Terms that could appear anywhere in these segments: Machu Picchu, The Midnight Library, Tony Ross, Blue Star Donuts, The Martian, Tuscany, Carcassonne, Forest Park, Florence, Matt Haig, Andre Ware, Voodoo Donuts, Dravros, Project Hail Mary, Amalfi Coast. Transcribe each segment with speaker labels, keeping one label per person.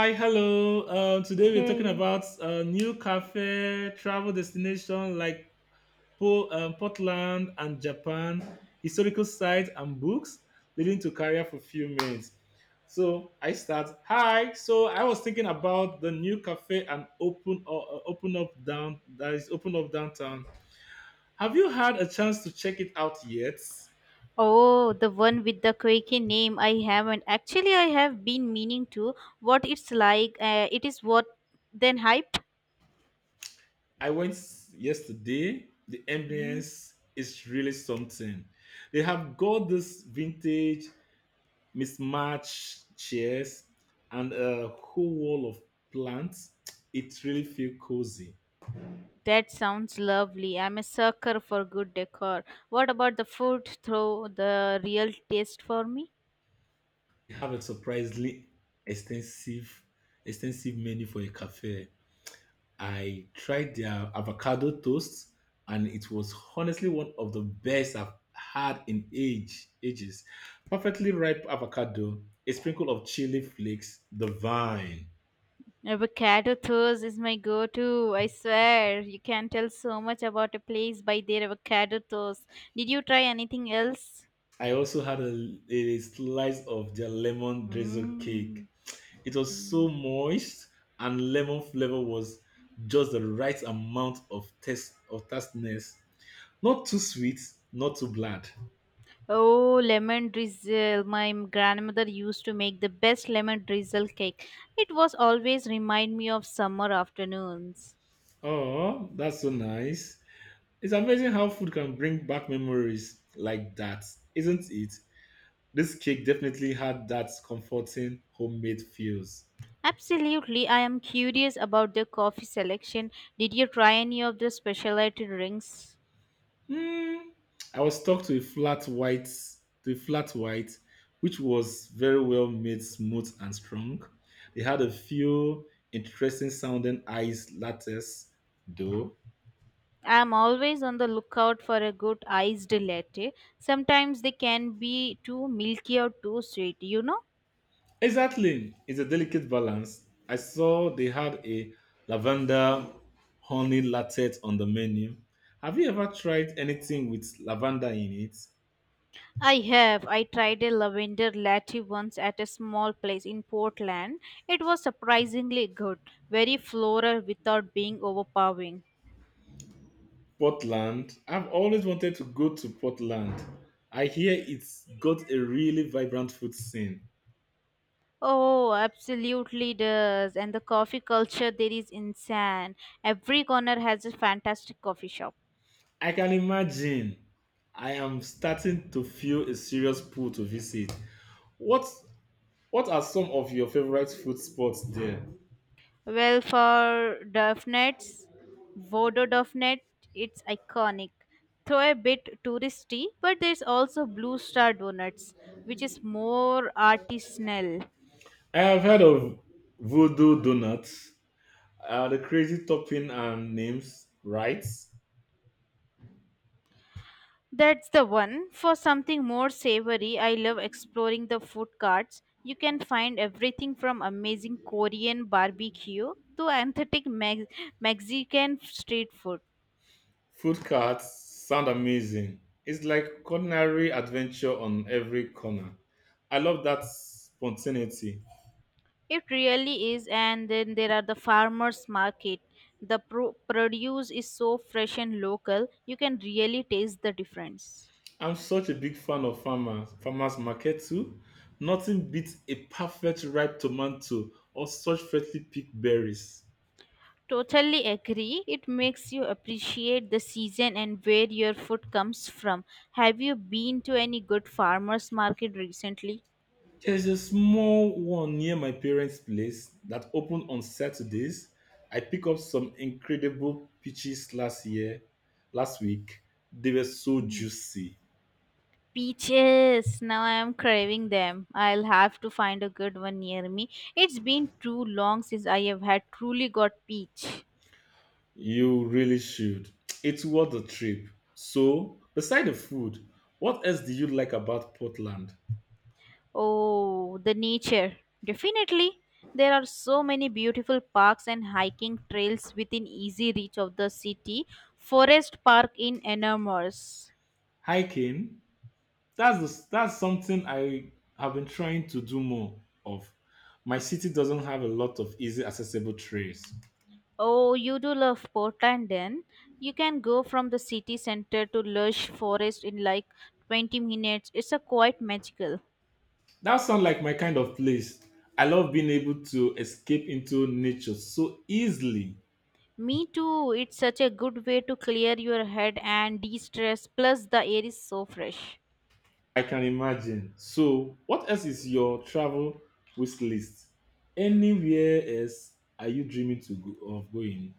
Speaker 1: Hi, hello. Today we're talking
Speaker 2: Hey.
Speaker 1: about new cafe travel destination like Portland and Japan, historical sites and books leading to career fulfillment. So I start. Hi. So I was thinking about the new cafe and open up down that is open up downtown. Have you had a chance to check it out yet?
Speaker 2: Oh, the one with the quirky name. I haven't. Actually, I have been meaning to. What it's like, it is what then hype?
Speaker 1: I went yesterday. The
Speaker 2: Mm,
Speaker 1: ambience is really something. They have got this vintage mismatched chairs and a whole wall of plants. It really feels cozy.
Speaker 2: that sounds lovely. I'm a sucker for good decor. What about the food? Throw the real taste for me?
Speaker 1: They have a surprisingly extensive extensive menu for a cafe. I tried their avocado toast, and it was honestly one of the best I've had in ages. Perfectly ripe avocado, a sprinkle of chili flakes, the vine.
Speaker 2: Avocado toast is my go to. I swear, you can tell so much about a place by their avocado toast. Did you try anything else?
Speaker 1: I also had a slice of their lemon drizzle cake.
Speaker 2: Mm.
Speaker 1: It was so moist, and lemon flavor was just the right amount of taste of tastiness. Not too sweet, not too bland.
Speaker 2: Oh, lemon drizzle. My grandmother used to make the best lemon drizzle cake. It was always remind me of summer afternoons.
Speaker 1: Oh, that's so nice. It's amazing how food can bring back memories like that, isn't it? This cake definitely had that comforting homemade feels.
Speaker 2: Absolutely. I am curious about the coffee selection. Did you try any of the specialty drinks?
Speaker 1: Mm, I was stuck to a flat white, to a flat white, which was very well made, smooth and strong. They had a few interesting sounding ice lattes, though.
Speaker 2: I am always on the lookout for a good iced latte. Sometimes they can be too milky or too sweet, you know?
Speaker 1: Exactly. It's a delicate balance. I saw they had a lavender honey latte on the menu. Have you ever tried anything with lavender in it?
Speaker 2: I have. I tried a lavender latte once at a small place in Portland. It was surprisingly good, very floral without being overpowering.
Speaker 1: Portland. I've always wanted to go to Portland. I hear it's got a really vibrant food scene.
Speaker 2: Oh, absolutely does. And the coffee culture there is insane. Every corner has a fantastic coffee shop.
Speaker 1: I can imagine. I am starting to feel a serious pull to visit. What What are some of your favorite food spots there?
Speaker 2: Well, for Duffnets, Vodo Duffnet, it's iconic. Though a bit touristy, but there's also Blue Star Donuts, which is more artisanal.
Speaker 1: I have heard of Voodoo Donuts. The crazy topping and names, right?
Speaker 2: That's the one. For something more savory, I love exploring the food carts. You can find everything from amazing Korean barbecue to authentic Mexican street food.
Speaker 1: Food carts sound amazing. It's like culinary adventure on every corner. I love that spontaneity.
Speaker 2: It really is, and then there are the farmers market. The produce is so fresh and local, you can really taste the difference.
Speaker 1: I'm such a big fan of farmers. Farmers market too. Nothing beats a perfect ripe tomato or such freshly picked berries.
Speaker 2: Totally agree. It makes you appreciate the season and where your food comes from. Have you been to any good farmers market recently?
Speaker 1: There's a small one near my parents' place that opened on Saturdays. I picked up some incredible peaches last week. They were so
Speaker 2: Mm,
Speaker 1: juicy.
Speaker 2: peaches! Now I am craving them. I'll have to find a good one near me. It's been too long since I have had truly got peach.
Speaker 1: You really should. It's worth the trip. So, beside the food, what else do you like about Portland?
Speaker 2: Oh, the nature. Definitely. There are so many beautiful parks and hiking trails within easy reach of the city. Forest Park in Enormous.
Speaker 1: Hiking. That's something I have been trying to do more of. My city doesn't have a lot of easy accessible trails.
Speaker 2: Oh, you do love Portland then. You can go from the city center to lush forest in like 20 minutes. It's a quite magical.
Speaker 1: That sounds like my kind of place. I love being able to escape into nature so easily.
Speaker 2: Me too. It's such a good way to clear your head and de-stress. Plus the air is so fresh.
Speaker 1: I can imagine. So, what else is your travel wish list? Anywhere else are you of going?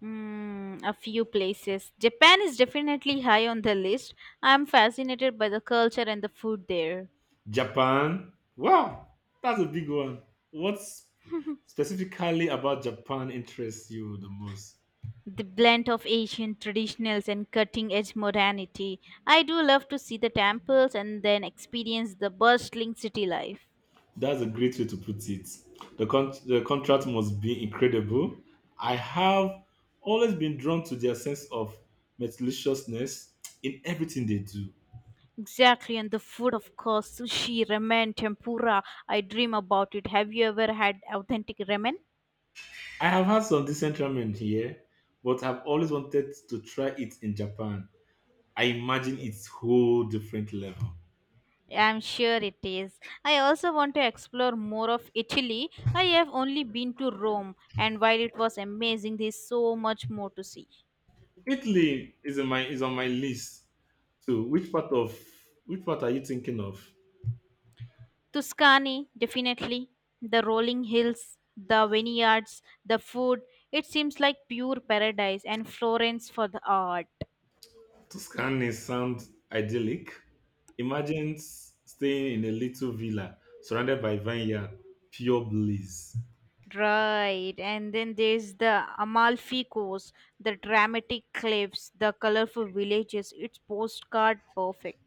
Speaker 2: Hmm, a few places. Japan is definitely high on the list. I'm fascinated by the culture and the food there.
Speaker 1: Japan? Wow, that's a big one. What's Specifically about Japan interests you the most?
Speaker 2: The blend of ancient traditionals and cutting edge modernity. I do love to see the temples and then experience the bustling city life.
Speaker 1: That's a great way to put it. The contract must be incredible. I have always been drawn to their sense of meticulousness in everything they do.
Speaker 2: Exactly, and the food, of course, sushi, ramen, tempura. I dream about it. Have you ever had authentic ramen?
Speaker 1: I have had some decent ramen here, but I've always wanted to try it in Japan. I imagine it's whole different level.
Speaker 2: I'm sure it is. I also want to explore more of Italy. I have only been to Rome, and while it was amazing, there's so much more to see.
Speaker 1: Italy is on my list too. Which part are you thinking of?
Speaker 2: Tuscany, definitely. The rolling hills, the vineyards, the food. It seems like pure paradise, and Florence for the art.
Speaker 1: Tuscany sounds idyllic. Imagine staying in a little villa surrounded by vineyard, pure bliss.
Speaker 2: Right, and then there's the Amalfi Coast, the dramatic cliffs, the colorful villages. It's postcard perfect.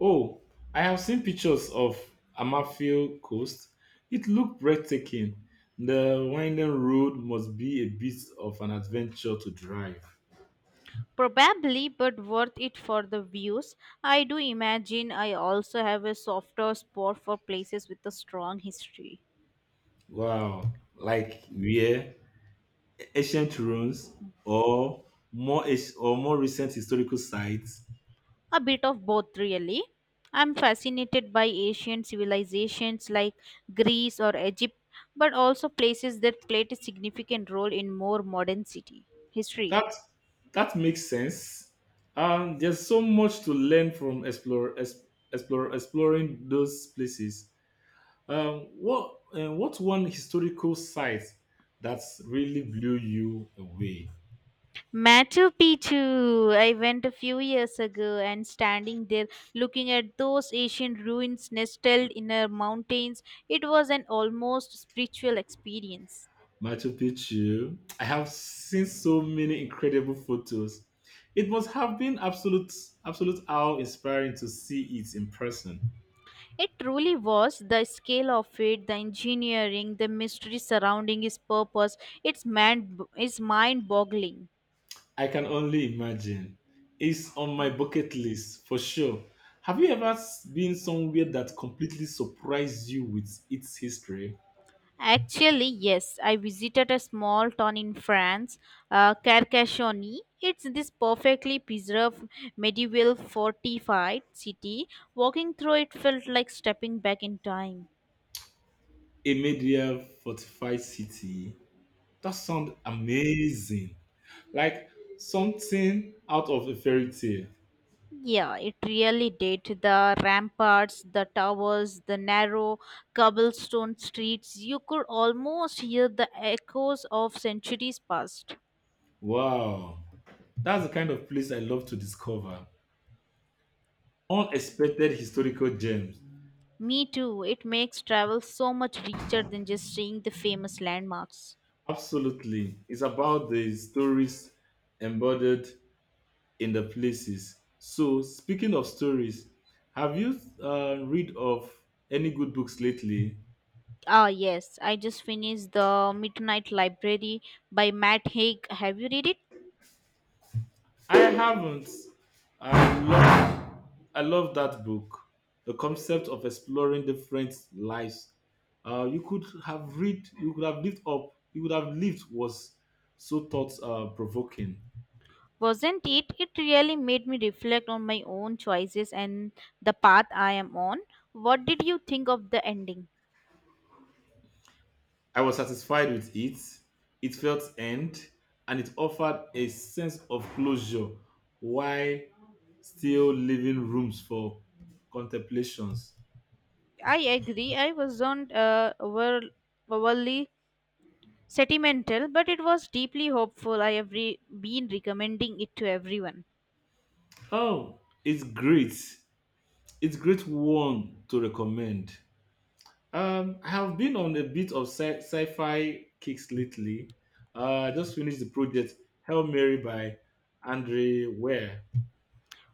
Speaker 1: Oh, I have seen pictures of Amalfi Coast. It looked breathtaking. The winding road must be a bit of an adventure to drive.
Speaker 2: Probably, but worth it for the views. I do imagine I also have a softer spot for places with a strong history.
Speaker 1: Wow, like where ancient ruins or more recent historical sites.
Speaker 2: A bit of both, really. I'm fascinated by ancient civilizations like Greece or Egypt, but also places that played a significant role in more modern city history.
Speaker 1: that that makes sense. There's so much to learn from explore, es- explore exploring those places. What one historical site that's really blew you away?
Speaker 2: Machu Picchu. I went a few years ago and standing there looking at those ancient ruins nestled in the mountains, it was an almost spiritual experience.
Speaker 1: Machu Picchu. I have seen so many incredible photos. It must have been absolute how inspiring to see it in person.
Speaker 2: It truly was the scale of it, the engineering, the mystery surrounding its purpose. It's man is mind boggling.
Speaker 1: I can only imagine. It's on my bucket list for sure. Have you ever been somewhere that completely surprised you with its history?
Speaker 2: Actually, yes, I visited a small town in France, Carcassonne. It's this perfectly preserved medieval fortified city. Walking through it felt like stepping back in time.
Speaker 1: A medieval fortified city? That sounds amazing. Like something out of a fairy tale.
Speaker 2: Yeah, it really did. The ramparts, the towers, the narrow cobblestone streets, you could almost hear the echoes of centuries past.
Speaker 1: Wow. That's the kind of place I love to discover. Unexpected historical gems.
Speaker 2: Me too, it makes travel so much richer than just seeing the famous landmarks.
Speaker 1: Absolutely. It's about the stories embodied in the places. So, speaking of stories, have you read of any good books lately?
Speaker 2: Ah, yes, I just finished The Midnight Library by Matt Haig. Have you read it?
Speaker 1: I haven't. I love, I love that book. The concept of exploring different lives. You could have read. You could have lived up. You could have lived was so thought provoking.
Speaker 2: Wasn't it? It really made me reflect on my own choices and the path I am on. What did you think of the ending?
Speaker 1: I was satisfied with it. It felt end, and it offered a sense of closure while still leaving rooms for contemplations.
Speaker 2: I agree. I wasn't overly sentimental, but it was deeply hopeful. I have been recommending it to everyone.
Speaker 1: Oh, it's great. It's great one to recommend. I have been on a bit of sci-fi kicks lately. I just finished the project Hail Mary by Andre Ware.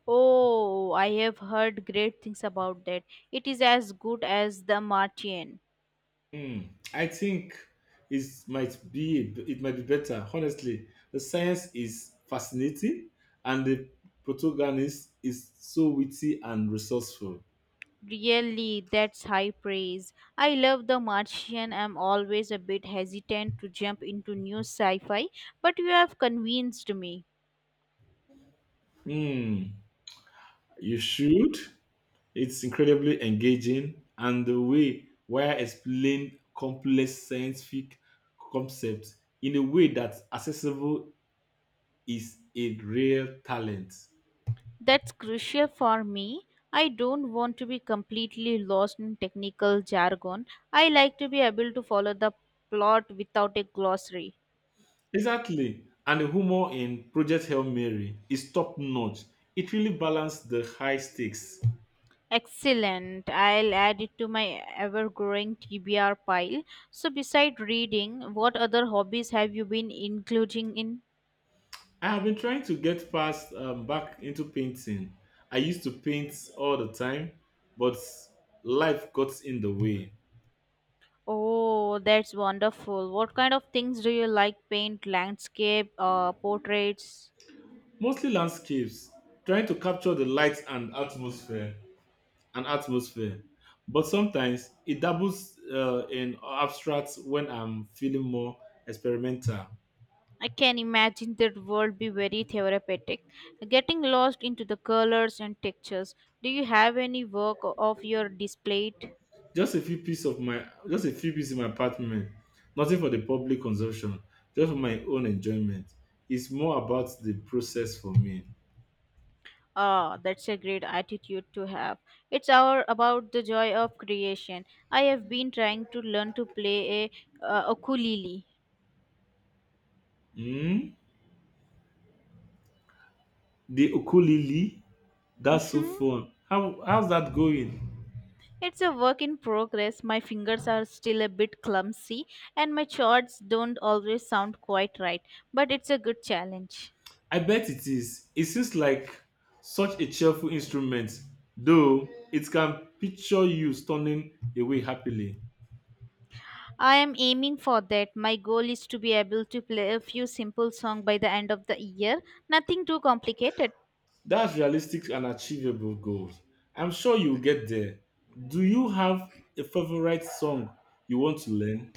Speaker 2: Oh, I have heard great things about that. It is as good as The Martian.
Speaker 1: Hmm, I think it might be better. Honestly, the science is fascinating, and the protagonist is so witty and resourceful.
Speaker 2: Really, that's high praise. I love The Martian. I'm always a bit hesitant to jump into new sci fi, but you have convinced me.
Speaker 1: Hmm, you should. It's incredibly engaging, and the way where explain complex scientific concepts in a way that's accessible is a real talent.
Speaker 2: That's crucial for me. I don't want to be completely lost in technical jargon. I like to be able to follow the plot without a glossary.
Speaker 1: Exactly. And the humor in Project Hail Mary is top notch. It really balanced the high stakes.
Speaker 2: Excellent. I'll add it to my ever growing TBR pile. So, beside reading, what other hobbies have you been including in?
Speaker 1: I have been trying to get past back into painting. I used to paint all the time, but life got in the way.
Speaker 2: Oh, that's wonderful. What kind of things do you like? Paint, landscape, portraits?
Speaker 1: Mostly landscapes, trying to capture the light and atmosphere. But sometimes it doubles in abstracts when I'm feeling more experimental.
Speaker 2: I can imagine that world be very therapeutic, getting lost into the colors and textures. Do you have any work of your displayed?
Speaker 1: Just a few pieces in my apartment. Nothing for the public consumption, just for my own enjoyment. It's more about the process for me.
Speaker 2: Ah, that's a great attitude to have. It's our about the joy of creation. I have been trying to learn to play a ukulele.
Speaker 1: Mm? The ukulele, that's so
Speaker 2: Mhm.
Speaker 1: fun. How's that going?
Speaker 2: It's a work in progress. My fingers are still a bit clumsy, and my chords don't always sound quite right. But it's a good challenge.
Speaker 1: I bet it is. It seems like such a cheerful instrument, though it can picture you stunning away happily.
Speaker 2: I am aiming for that. My goal is to be able to play a few simple songs by the end of the year. Nothing too complicated.
Speaker 1: That's realistic and achievable goals. I'm sure you'll get there. Do you have a favorite song you want to learn?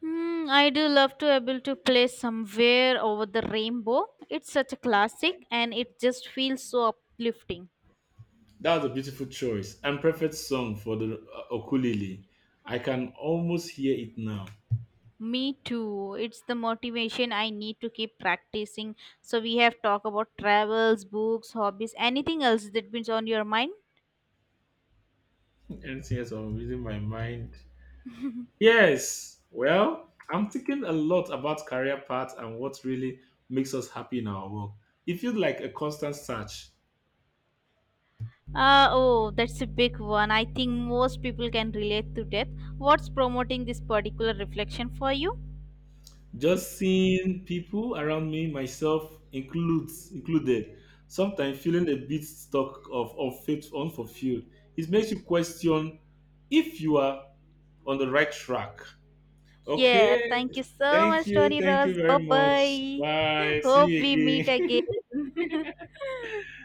Speaker 2: Hmm, I do love to able to play somewhere over the rainbow. It's such a classic and it just feels so uplifting.
Speaker 1: That's a beautiful choice and perfect song for the ukulele. I can almost hear it now.
Speaker 2: Me too. It's the motivation I need to keep practicing. So we have talked about travels, books, hobbies, anything else that been on your mind?
Speaker 1: Anything else I'm reading my mind? Yes. Well, I'm thinking a lot about career path and what really makes us happy in our work. It feels like a constant search.
Speaker 2: Oh, that's a big one. I think most people can relate to death. What's promoting this particular reflection for you?
Speaker 1: Just seeing people around me, myself includes included, sometimes feeling a bit stuck of unfit, unfulfilled. It makes you question if you are on the right track.
Speaker 2: Yeah,
Speaker 1: Okay.
Speaker 2: thank you so
Speaker 1: Thank
Speaker 2: much,
Speaker 1: you.
Speaker 2: Tony
Speaker 1: Thank you
Speaker 2: Ross. Bye
Speaker 1: very much.
Speaker 2: bye.
Speaker 1: Bye. See
Speaker 2: Hope we
Speaker 1: you
Speaker 2: meet
Speaker 1: again.
Speaker 2: again.